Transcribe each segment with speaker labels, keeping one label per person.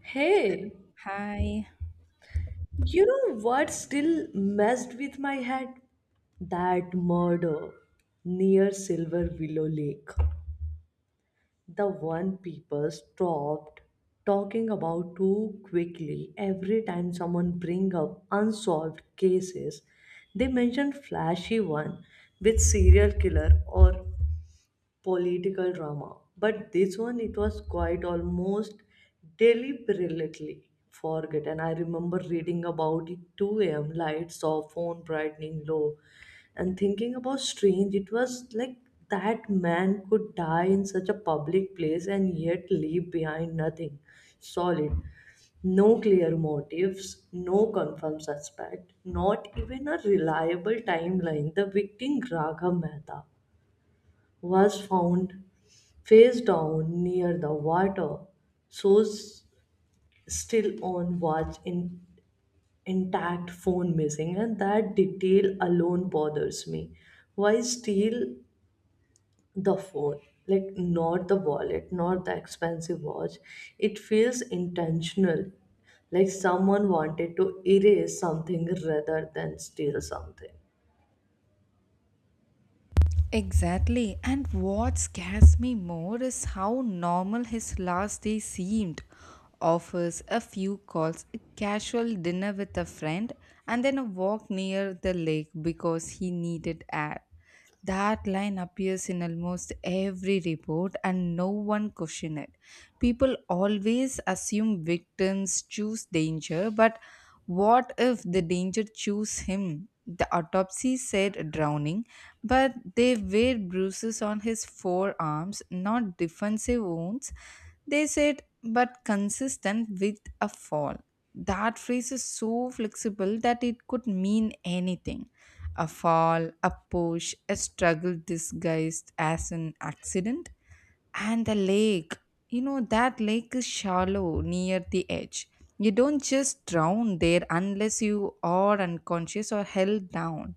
Speaker 1: Hey,
Speaker 2: Hi.
Speaker 1: you know what still messed with my head? That murder near Silver Willow Lake. The one people stopped talking about too quickly every time someone bring up unsolved cases. They mention flashy one with serial killer or political drama. But this one, it was quite almost deliberately forget, and I remember reading about it 2 a.m. lights off, phone brightening low, and thinking about strange. It was like that man could die in such a public place and yet leave behind nothing solid. No clear motives, no confirmed suspect, not even a reliable timeline. The victim Raghav Mehta was found face down near the water source, still on watch in, intact phone missing, and that detail alone bothers me. Why steal the phone, like not the wallet, not the expensive watch? It feels intentional, like someone wanted to erase something rather than steal something.
Speaker 2: Exactly. And what scares me more is how normal his last day seemed. Offers, a few calls, a casual dinner with a friend, and then a walk near the lake because he needed air. That line appears in almost every report and no one question it. People always assume victims choose danger, but what if the danger choose him? The autopsy said drowning, but they were bruises on his forearms, not defensive wounds. They said, but consistent with a fall. That phrase is so flexible that it could mean anything: a fall, a push, a struggle disguised as an accident. And the lake, you know, that lake is shallow near the edge. You don't just drown there unless you are unconscious or held down,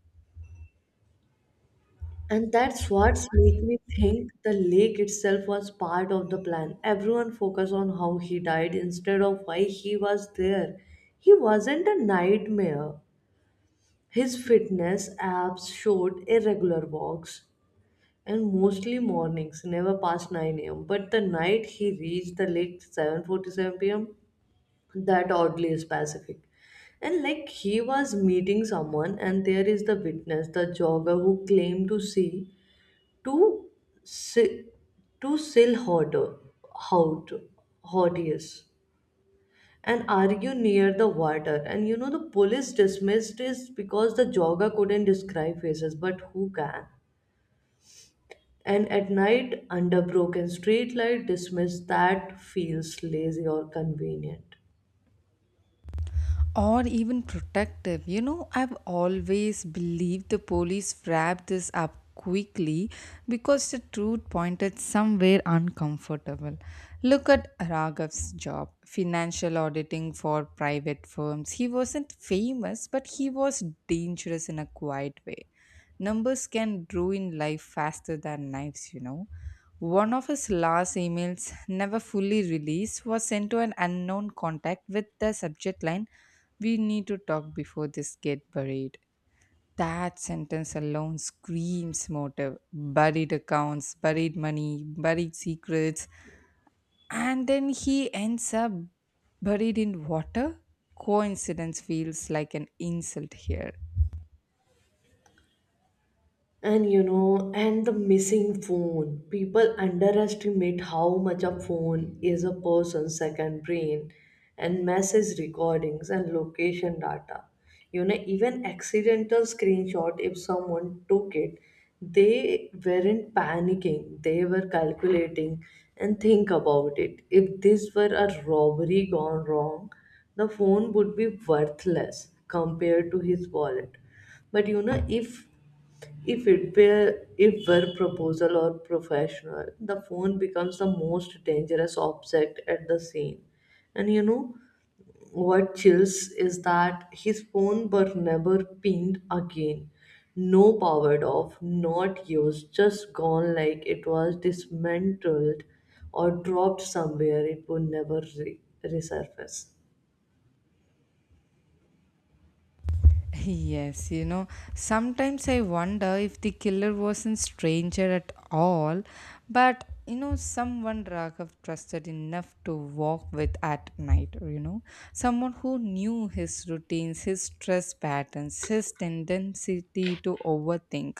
Speaker 1: And that's what's make me think the lake itself was part of the plan. Everyone focused on how he died instead of why he was there. He wasn't a nightmare. His fitness apps showed irregular walks and mostly mornings, never past 9 a.m. But the night he reached the lake 7:47 p.m., that oddly specific. And like he was meeting someone, and there is the witness, the jogger who claimed to see to si- to sail hot hotties and argue near the water, and you know the police dismissed is because the jogger couldn't describe faces, but who can? And at night under broken streetlight, dismissed, that feels lazy or convenient.
Speaker 2: or even protective. You know, I've always believed the police wrapped this up quickly because the truth pointed somewhere uncomfortable. Look at Raghav's job, financial auditing for private firms. He wasn't famous, but he was dangerous in a quiet way. Numbers can ruin life faster than knives, you know. One of his last emails, never fully released, was sent to an unknown contact with the subject line: we need to talk before this get buried. That sentence alone screams motive. Buried accounts, buried money, buried secrets. And then he ends up buried in water? Coincidence feels like an insult here.
Speaker 1: And the missing phone. People underestimate how much a phone is a person's second brain, and message recordings and location data. Even accidental screenshot, if someone took it, they weren't panicking, they were calculating, and think about it. If this were a robbery gone wrong, the phone would be worthless compared to his wallet. But if it were, if were proposal or professional, the phone becomes the most dangerous object at the scene. And you know what chills is that his phone were never pinged again. No, powered off, not used, just gone, like it was dismantled or dropped somewhere it would never resurface.
Speaker 2: Yes, you know, sometimes I wonder if the killer wasn't stranger at all, but you know, someone Raghav trusted enough to walk with at night, you know, someone who knew his routines, his stress patterns, his tendency to overthink.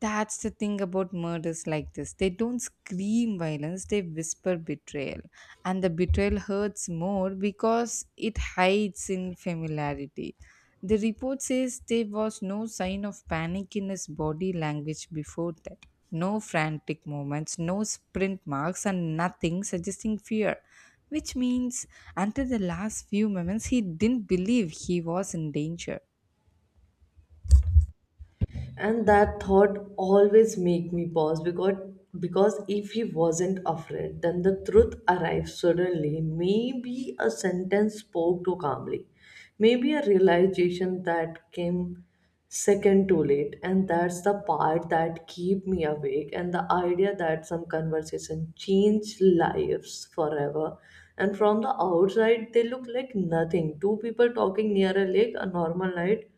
Speaker 2: That's the thing about murders like this. They don't scream violence, they whisper betrayal. And the betrayal hurts more because it hides in familiarity. The report says there was no sign of panic in his body language before that. No frantic movements, no sprint marks, and nothing suggesting fear. Which means, until the last few moments, he didn't believe he was in danger.
Speaker 1: And that thought always make me pause because if he wasn't afraid, then the truth arrives suddenly, maybe a sentence spoke too calmly, maybe a realization that came second too late. And that's the part that keep me awake, and the idea that some conversation change lives forever, and from the outside they look like nothing, two people talking near a lake, a normal night,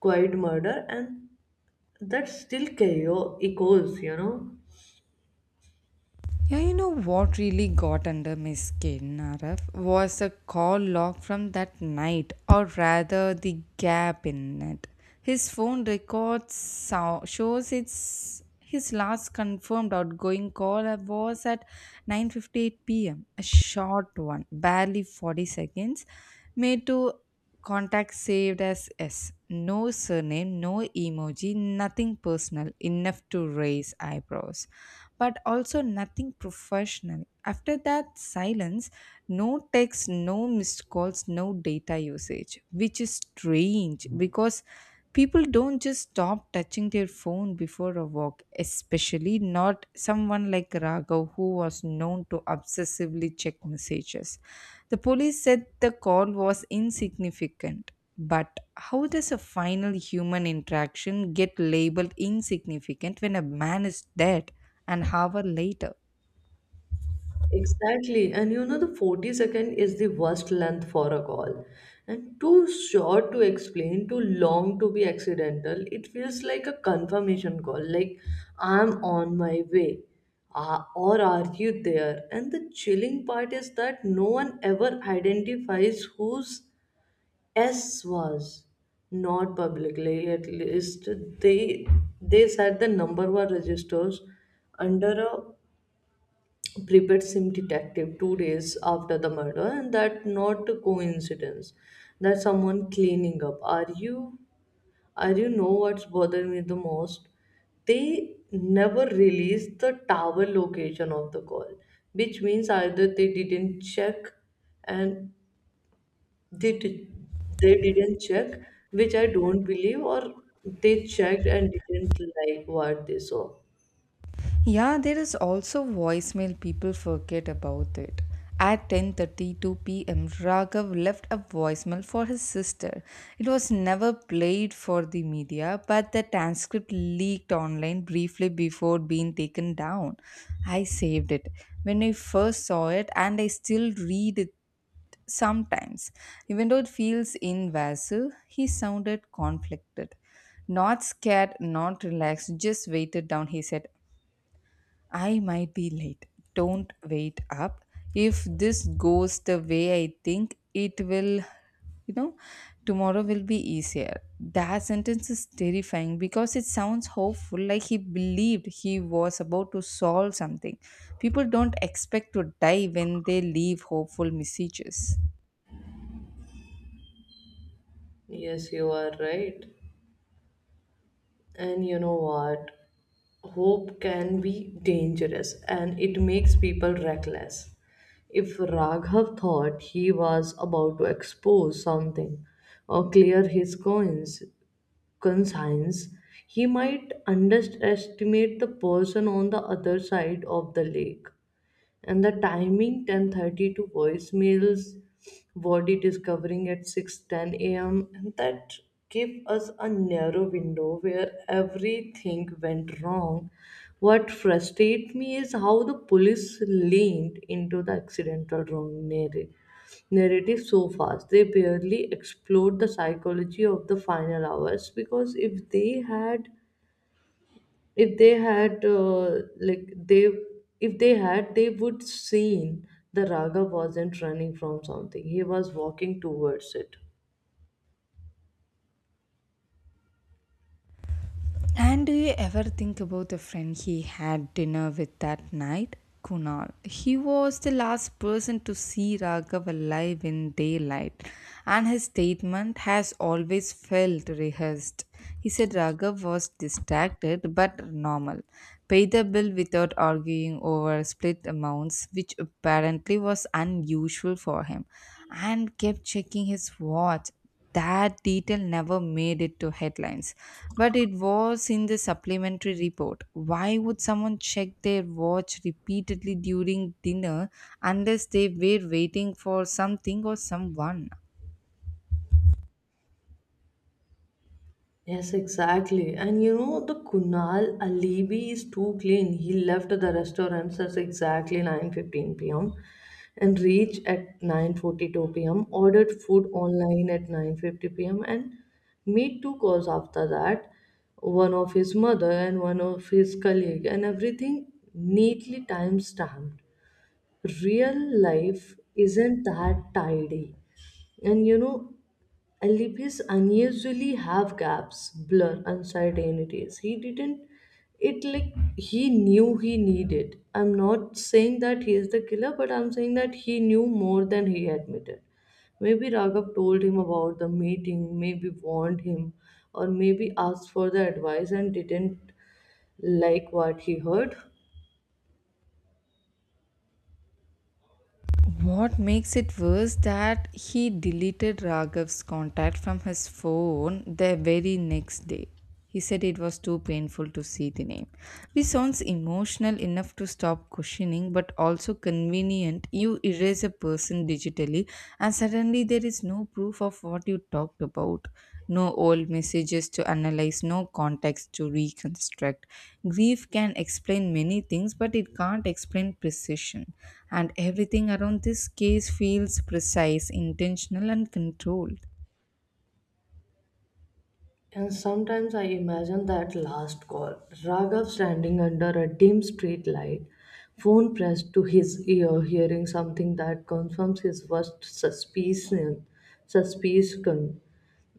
Speaker 1: quiet murder, and that still chaos echoes.
Speaker 2: Yeah, you know what really got under my skin, Araf, was a call log from that night, or rather, the gap in it. His phone records shows it's his last confirmed outgoing call was at 9:58 p.m. A short one, barely 40 seconds, made to Contact saved as S. No surname, no emoji, nothing personal, enough to raise eyebrows, but also nothing professional. After that silence, no text, no missed calls, no data usage, which is strange because people don't just stop touching their phone before a walk, especially not someone like Raghav, who was known to obsessively check messages. The police said the call was insignificant. But how does a final human interaction get labeled insignificant when a man is dead an hour later?
Speaker 1: Exactly. The 40 second is the worst length for a call. And too short to explain, too long to be accidental. It feels like a confirmation call, like, I'm on my way. Ah, or are you there? And the chilling part is that no one ever identifies who's S was, not publicly, at least. They they said the number was registered under a prepaid SIM detective 2 days after the murder, and that not a coincidence, that someone cleaning up. Are you are You know what's bothering me the most? They never released the tower location of the call, which means either they didn't check and they did, they didn't check, which I don't believe, or they checked and didn't like what they saw.
Speaker 2: Yeah, there is also voicemail people forget about it. At 10:32 p.m., Raghav left a voicemail for his sister. It was never played for the media, but the transcript leaked online briefly before being taken down. I saved it when I first saw it, and I still read it sometimes. Even though it feels invasive, he sounded conflicted. Not scared, not relaxed, just weighted down, he said. I might be late. Don't wait up. If this goes the way I think, it will, you know, tomorrow will be easier. That sentence is terrifying because it sounds hopeful, like he believed he was about to solve something. People don't expect to die when they leave hopeful messages.
Speaker 1: Yes, you are right. And you know what? Hope can be dangerous, and it makes people reckless. If Raghav thought he was about to expose something or clear his conscience, he might underestimate the person on the other side of the lake. And the timing, 10:30 to voicemails, body discovering at 6:10 a.m., and that gave us a narrow window where everything went wrong. What frustrates me is how the police leaned into the accidental wrong narrative so fast. They barely explored the psychology of the final hours, because if they had like they if they had, they would seen the raga wasn't running from something, he was walking towards it.
Speaker 2: And do you ever think about the friend he had dinner with that night? Kunal. He was the last person to see Raghav alive in daylight, and his statement has always felt rehearsed. He said Raghav was distracted but normal, paid the bill without arguing over split amounts, which apparently was unusual for him, and kept checking his watch. That detail never made it to headlines, but it was in the supplementary report. Why would someone check their watch repeatedly during dinner unless they were waiting for something or someone?
Speaker 1: Yes, exactly. The Kunal Alibi is too clean. He left the restaurant at exactly 9:15 p.m. and reached at 9:42 p.m., ordered food online at 9:50 p.m., and made two calls after that, one of his mother and one of his colleague, and everything neatly time-stamped. Real life isn't that tidy. And you know, Alipis unusually have gaps, blur, uncertainties. He didn't, it like he knew he needed. I'm not saying that he is the killer, but I'm saying that he knew more than he admitted. Maybe Raghav told him about the meeting, maybe warned him, or maybe asked for the advice and didn't like what he heard.
Speaker 2: What makes it worse that he deleted Raghav's contact from his phone the very next day. He said it was too painful to see the name, which sounds emotional enough to stop questioning, but also convenient. You erase a person digitally and suddenly there is no proof of what you talked about, no old messages to analyze, no context to reconstruct. Grief can explain many things, but it can't explain precision, and everything around this case feels precise, intentional and controlled.
Speaker 1: And sometimes I imagine that last call, Raghav standing under a dim street light, phone pressed to his ear, hearing something that confirms his worst suspicion.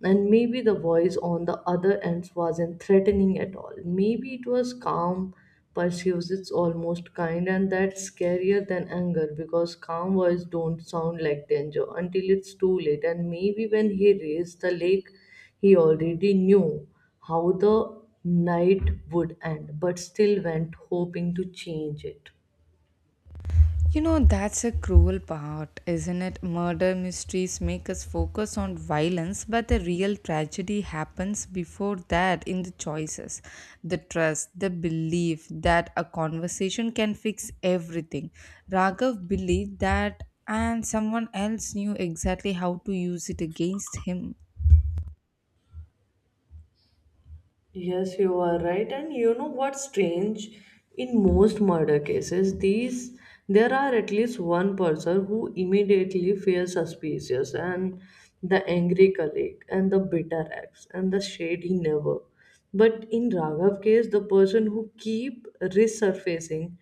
Speaker 1: And maybe the voice on the other end wasn't threatening at all. Maybe it was calm, persuasive, almost kind, and that's scarier than anger, because calm voice don't sound like danger until it's too late. And maybe when he raised the lake, he already knew how the night would end, but still went hoping to change it.
Speaker 2: You know, that's a cruel part, isn't it? Murder mysteries make us focus on violence, but the real tragedy happens before that in the choices, the trust, the belief that a conversation can fix everything. Raghav believed that, and someone else knew exactly how to use it against him.
Speaker 1: Yes, you are right. And you know what's strange? In most murder cases, these there are at least one person who immediately feels suspicious, and the angry colleague and the bitter ex and the shady neighbor. But in Raghav case, the person who keep resurfacing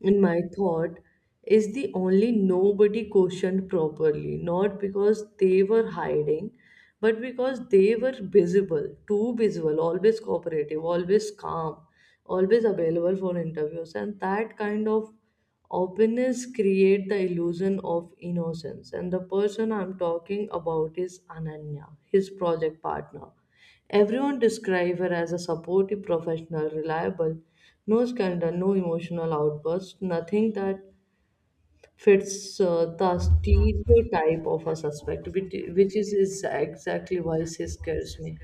Speaker 1: in my thought is the only nobody questioned properly, not because they were hiding, but because they were visible, too visible, always cooperative, always calm, always available for interviews, and that kind of openness create the illusion of innocence. And the person I'm talking about is Ananya, his project partner. Everyone describe her as a supportive, professional, reliable, no scandal, no emotional outbursts, nothing that fits the stereotype of a suspect, which is exactly why she scares me.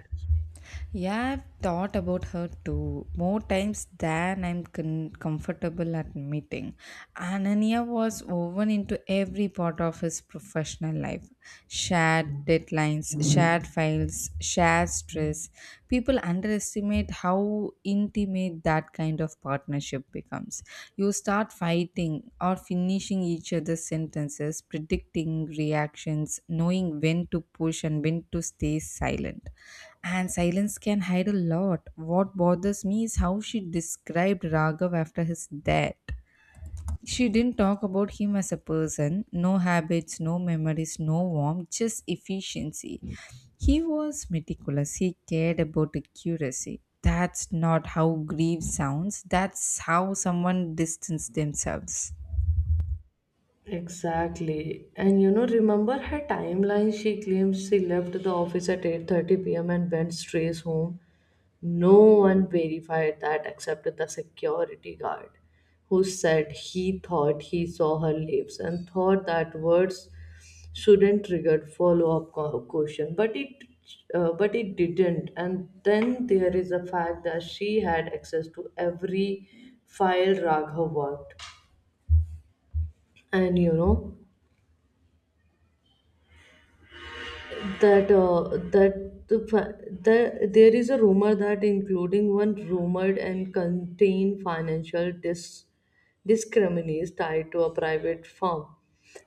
Speaker 2: Yeah, I've thought about her too, more times than I'm comfortable admitting. Ananya was woven into every part of his professional life: shared deadlines, shared files, shared stress. People underestimate how intimate that kind of partnership becomes. You start fighting or finishing each other's sentences, predicting reactions, knowing when to push and when to stay silent, and silence can hide a lot. What bothers me is how she described Raghav after his death. She didn't talk about him as a person: no habits, no memories, no warmth, just efficiency. He was meticulous, he cared about accuracy. That's not how grief sounds, that's how someone distanced themselves.
Speaker 1: Exactly. Remember her timeline? She claims she left the office at 8:30 p.m. and went straight home. No one verified that except the security guard, who said he thought he saw her leaves, and thought that words shouldn't trigger follow-up question, but it didn't. And then there is the fact that she had access to every file Raghav worked. And that that the, fi- the there is a rumor, that including one rumored and contain financial discriminates tied to a private firm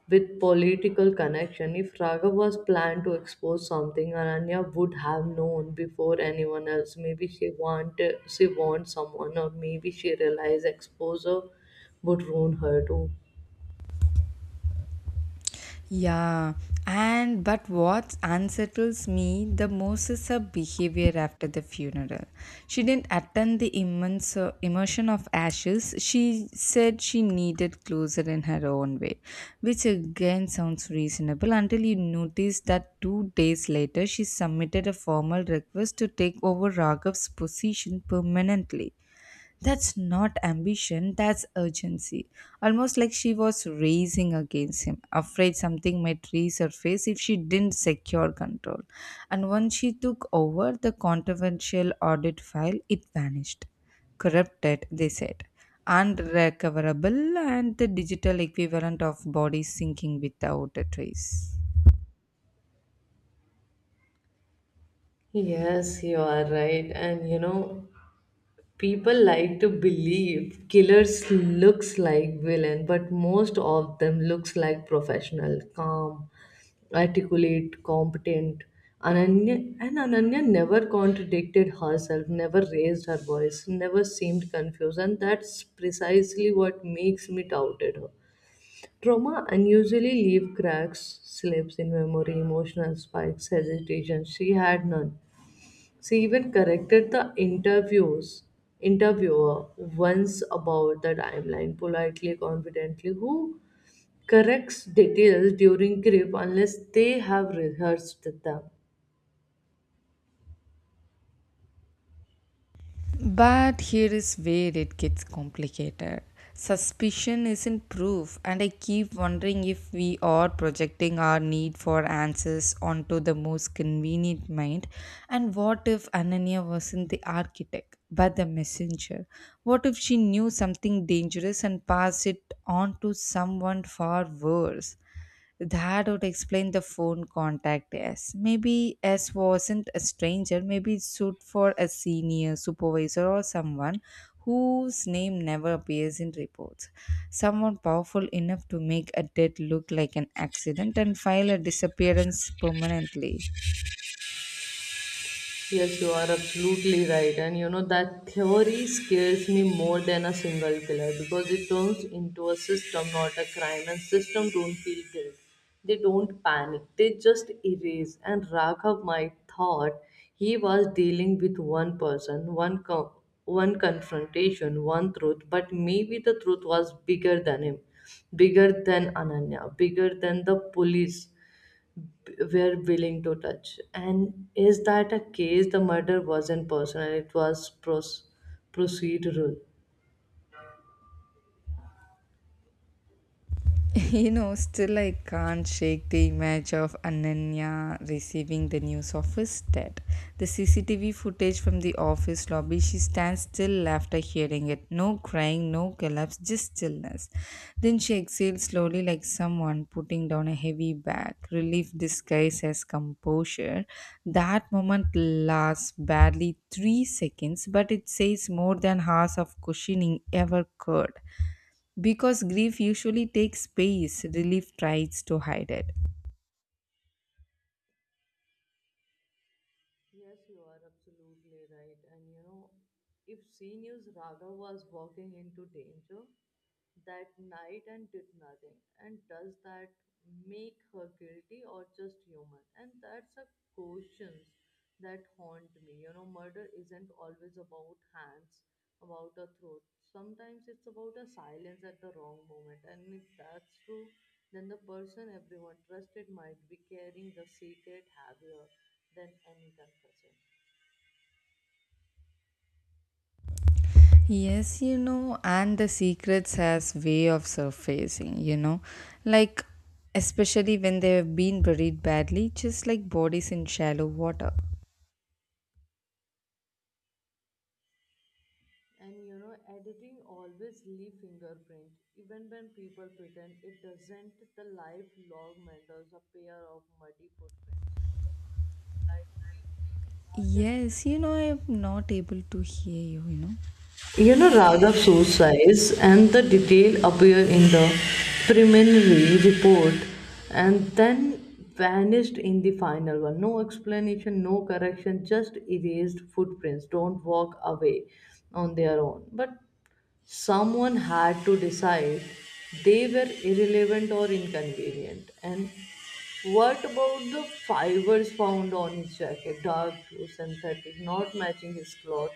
Speaker 1: with political connection. If Raghav was planned to expose something, Ananya would have known before anyone else. Maybe she warned someone, or maybe she realized exposure would ruin her too.
Speaker 2: Yeah, and but what unsettles me the most is her behavior after the funeral. She didn't attend the immense immersion of ashes. She said she needed closure in her own way, which again sounds reasonable until you notice that 2 days later she submitted a formal request to take over Raghav's position permanently. That's not ambition, that's urgency. Almost like she was racing against him, afraid something might resurface if she didn't secure control. And once she took over the controversial audit file, it vanished. Corrupted, they said. Unrecoverable, and the digital equivalent of bodies sinking without a trace.
Speaker 1: Yes, you are right. People like to believe killers looks like villain, but most of them looks like professional, calm, articulate, competent. Ananya never contradicted herself, never raised her voice, never seemed confused, and that's precisely what makes me doubted her. Trauma unusually leave cracks, slips in memory, emotional spikes, hesitation. She had none. She even corrected the interviews interviewer once about the timeline, politely, confidently. Who corrects details during grief unless they have rehearsed them?
Speaker 2: But here is where it gets complicated. Suspicion isn't proof, and I keep wondering if we are projecting our need for answers onto the most convenient mind. And what if Ananya wasn't the architect, but the messenger? What if she knew something dangerous and passed it on to someone far worse? That would explain the phone contact S. Maybe S wasn't a stranger, maybe it stood for a senior supervisor or someone whose name never appears in reports. Someone powerful enough to make a death look like an accident and file a disappearance permanently.
Speaker 1: Yes, you are absolutely right. That theory scares me more than a single killer, because it turns into a system, not a crime. And system don't feel guilt. They don't panic. They just erase. And Raghav might thought he was dealing with one person, one confrontation, one truth, but maybe the truth was bigger than him, bigger than Ananya, bigger than the police were willing to touch. And is that a case, the murder wasn't personal, it was procedural?
Speaker 2: You know, still I can't shake the image of Ananya receiving the news of his death. The CCTV footage from the office lobby, she stands still after hearing it. No crying, no collapse, just stillness. Then she exhales slowly like someone putting down a heavy bag, relief disguised as composure. That moment lasts barely 3 seconds, but it says more than hours of cushioning ever could. Because grief usually takes space, relief tries to hide it.
Speaker 1: Yes, you are absolutely right. If Senior's Raghav was walking into danger that night and did nothing, and does that make her guilty or just human? And that's a question that haunt me. Murder isn't always about hands, about a throat. Sometimes it's about a silence at the wrong moment. And if that's true, then the person everyone trusted might be carrying the secret heavier than any confession.
Speaker 2: Yes, you know, and the secrets has way of surfacing, you know, like especially when they have been buried badly, just like bodies in shallow water.
Speaker 1: Editing always leave fingerprint. Even when people pretend it doesn't, the life log matters a pair of muddy footprints. Like,
Speaker 2: Yes, you know, I'm not able to hear you, you know.
Speaker 1: Raghav suicides, and the detail appear in the preliminary report, and then vanished in the final one. No explanation, no correction, just erased footprints. Don't walk away on their own. But someone had to decide they were irrelevant or inconvenient. And what about the fibers found on his jacket? Dark blue, synthetic, not matching his cloth,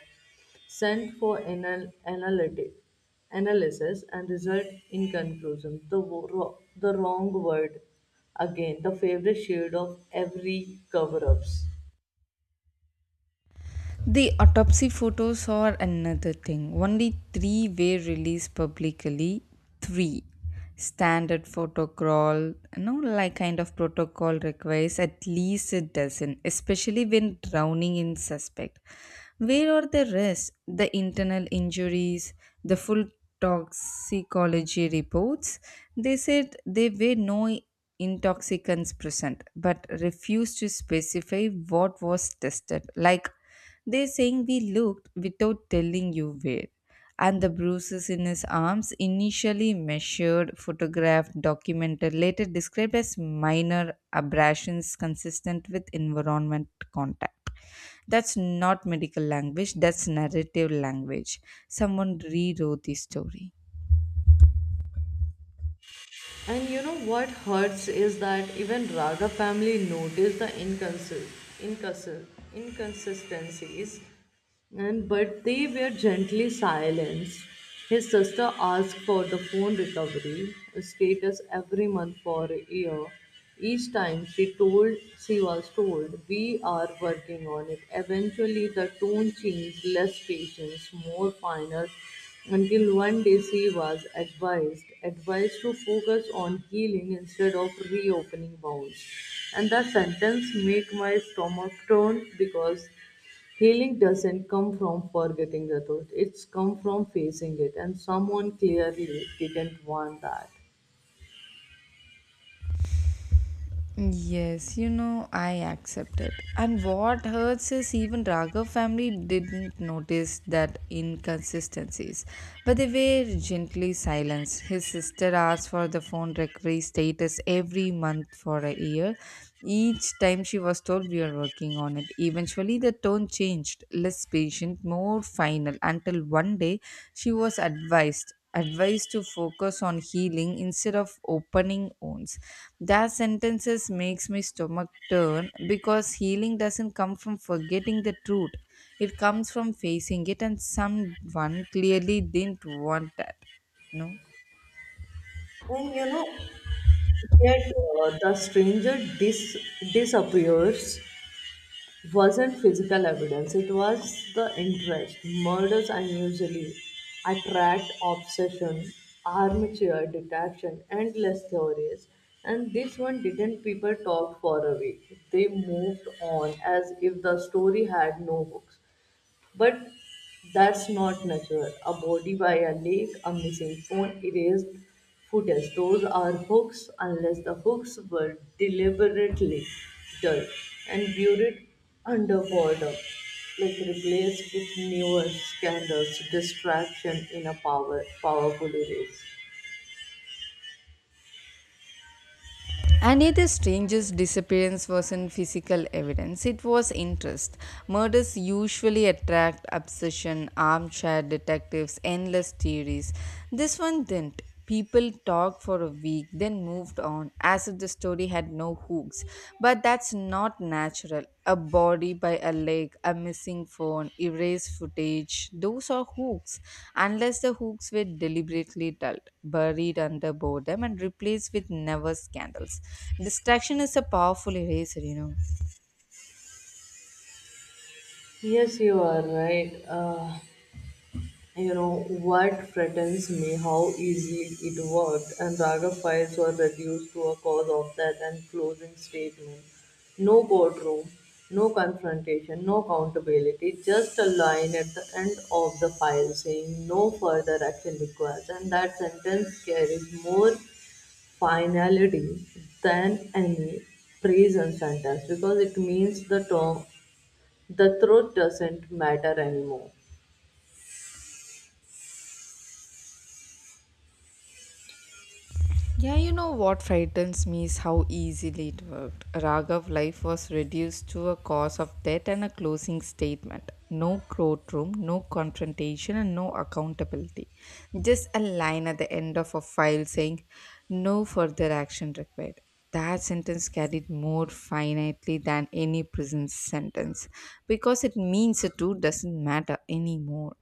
Speaker 1: sent for anal- analytic analysis and result inconclusive. The wrong word again, the favorite shade of every cover ups.
Speaker 2: The autopsy photos are another thing. Only three were released publicly. Three. Standard protocol, no like kind of protocol requires at least a dozen, especially when drowning in suspect. Where are the rest? The internal injuries, the full toxicology reports. They said there were no intoxicants present, but refused to specify what was tested. Like they saying we looked without telling you where. And the bruises in his arms, initially measured, photographed, documented, later described as minor abrasions consistent with environment contact. That's not medical language, that's narrative language. Someone rewrote the story.
Speaker 1: And you know what hurts is that even Raga family noticed the inconsi- inconsistencies, and but they were gently silenced. His sister asked for the phone recovery status every month for a year. Each time she told she was told we are working on it. Eventually the tone changed, less patience, more final until one day she was advised to focus on healing instead of reopening wounds. And the sentence make my stomach turn because healing doesn't come from forgetting the truth. It's come from facing it. And someone clearly didn't want that.
Speaker 2: Yes, you know, I accept it. And what hurts is even Raghav family didn't notice that inconsistencies, but they were gently silenced. His sister asked for the phone recovery status every month for a year. Each time she was told we are working on it. Eventually, the tone changed, less patient, more final, until one day she was advised to focus on healing instead of opening wounds. That sentences makes my stomach turn because healing doesn't come from forgetting the truth. It comes from facing it, and someone clearly didn't want that. No.
Speaker 1: And you know, Yet the stranger dis- disappears wasn't physical evidence, it was the interest. Murders unusually attract obsession, armature detection, endless theories. And this one didn't people talk for a week. They moved on as if the story had no hooks. But that's not natural. A body by a lake, a missing phone, erased footage. Those are hooks, unless the hooks were deliberately dull and buried underwater, like replaced with newer scandals, distraction in a powerful erase.
Speaker 2: And yet the stranger's disappearance wasn't physical evidence, it was interest. Murders usually attract obsession, armchair detectives, endless theories. This one didn't. People talked for a week, then moved on as if the story had no hooks. Things. But that's not natural. A body by a leg, a missing phone, erased footage, those are hooks, unless the hooks were deliberately dulled, buried under boredom, and replaced with never scandals. Distraction is a powerful eraser, you know.
Speaker 1: Yes, you are right. You know, what frightens me how easily it worked, and Raga files were reduced to a cause of death and closing statement. No courtroom, no confrontation, no accountability, just a line at the end of the file saying no further action required. And that sentence carries more finality than any prison sentence because it means the truth doesn't matter anymore.
Speaker 2: Yeah, you know what frightens me is how easily it worked. Raghav's life was reduced to a cause of death and a closing statement. No courtroom, no confrontation, and no accountability. Just a line at the end of a file saying, no further action required. That sentence carried more finitely than any prison sentence because it means the truth doesn't matter anymore.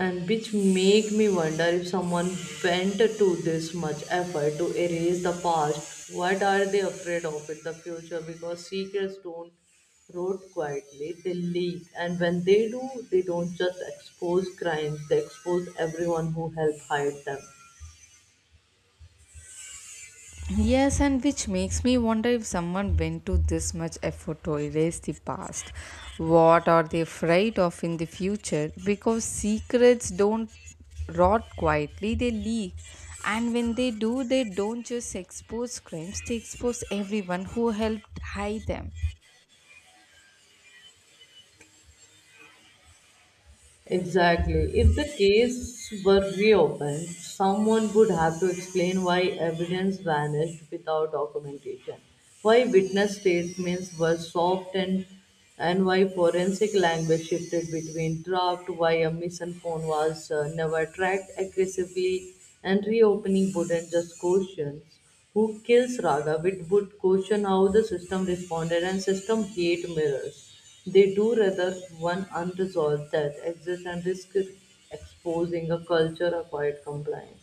Speaker 1: And which make me wonder if someone went to this much effort to erase the past, what are they afraid of in the future, because secrets don't rot quietly, they leak, and when they do they don't just expose crimes, they expose everyone who helped hide them.
Speaker 2: Yes, and which makes me wonder if someone went to this much effort to erase the past. What are they afraid of in the future? Because secrets don't rot quietly, they leak. And when they do, they don't just expose crimes, they expose everyone who helped hide them.
Speaker 1: Exactly. If the case were reopened, someone would have to explain why evidence vanished without documentation, why witness statements were soft and why forensic language shifted between draft, why a missing phone was never tracked aggressively, and reopening wouldn't just question who kills Raghav, it would question how the system responded and system hate mirrors. They do rather one unresolved that exists and risk exposing a culture of quiet compliance.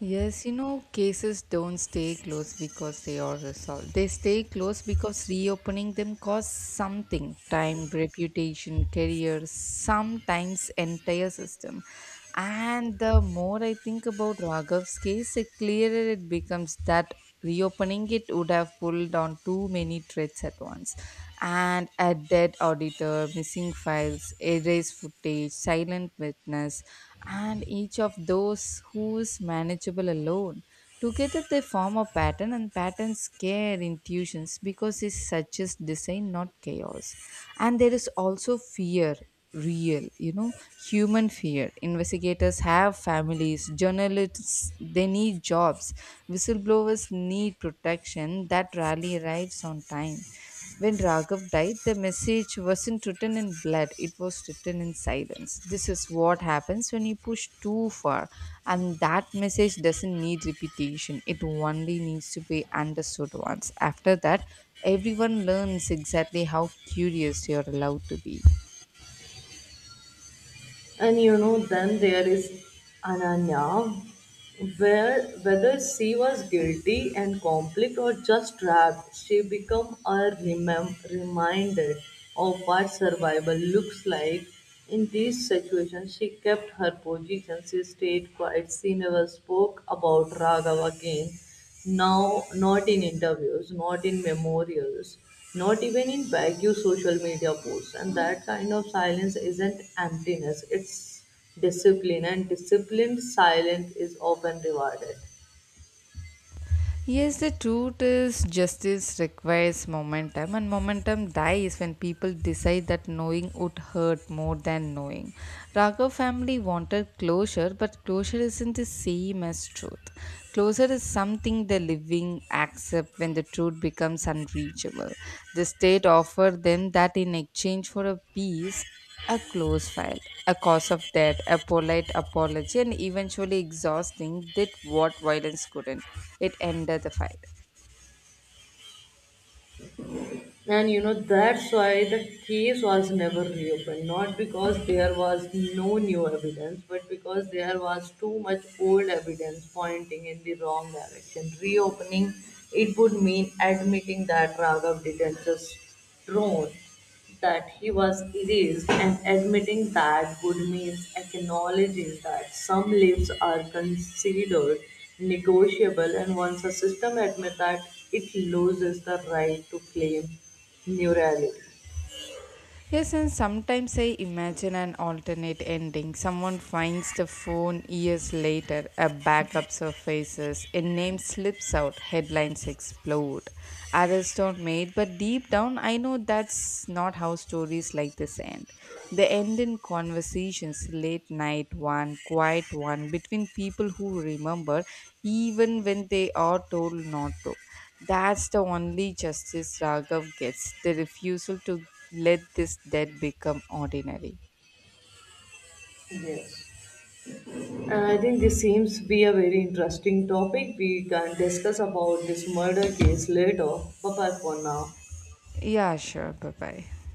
Speaker 2: Yes, you know, cases don't stay closed because they are resolved. They stay closed because reopening them costs something: time, reputation, career, sometimes entire system. And the more I think about Raghav's case, the clearer it becomes that reopening it would have pulled down too many threads at once. And a dead auditor, missing files, erased footage, silent witness, and each of those who's manageable alone. Together they form a pattern, and patterns scare intuitions because it suggests design, not chaos. And there is also fear, real, you know, human fear. Investigators have families, journalists they need jobs. Whistleblowers need protection that rarely arrives on time. When Raghav died, the message wasn't written in blood, it was written in silence. This is what happens when you push too far, and that message doesn't need repetition, it only needs to be understood once. After that, everyone learns exactly how curious you're allowed to be.
Speaker 1: And you know, then there is Ananya, where whether she was guilty and conflict or just trapped, she become a reminder of what survival looks like. In these situations, she kept her position. She stayed quiet. She never spoke about Raghav again. Now, not in interviews, not in memorials, not even in vague social media posts. And that kind of silence isn't emptiness, it's discipline. And disciplined silence is often rewarded.
Speaker 2: Yes, the truth is justice requires momentum, and momentum dies when people decide that knowing would hurt more than knowing. Raghav family wanted closure, but closure isn't the same as truth. Closure is something the living accept when the truth becomes unreachable. The state offered them that in exchange for a peace, a close file, a cause of death, a polite apology, and eventually exhausting did what violence couldn't. It ended the fight.
Speaker 1: And you know, that's why the case was never reopened. Not because there was no new evidence, but because there was too much old evidence pointing in the wrong direction. Reopening it would mean admitting that Raghav didn't just drone, that he was erased, and admitting that would mean acknowledging that some leaves are considered negotiable, and once a system admits that it loses the right to claim neurality.
Speaker 2: Yes, and sometimes I imagine an alternate ending. Someone finds the phone years later, a backup surfaces, a name slips out, headlines explode, arrests are made, but deep down I know that's not how stories like this end. They end in conversations, late night one, quiet one, between people who remember even when they are told not to. That's the only justice Raghav gets, the refusal to let this death become ordinary.
Speaker 1: Yes. And I think this seems to be a very interesting topic. We can discuss about this murder case later. Bye bye for now.
Speaker 2: Yeah, sure. Bye bye.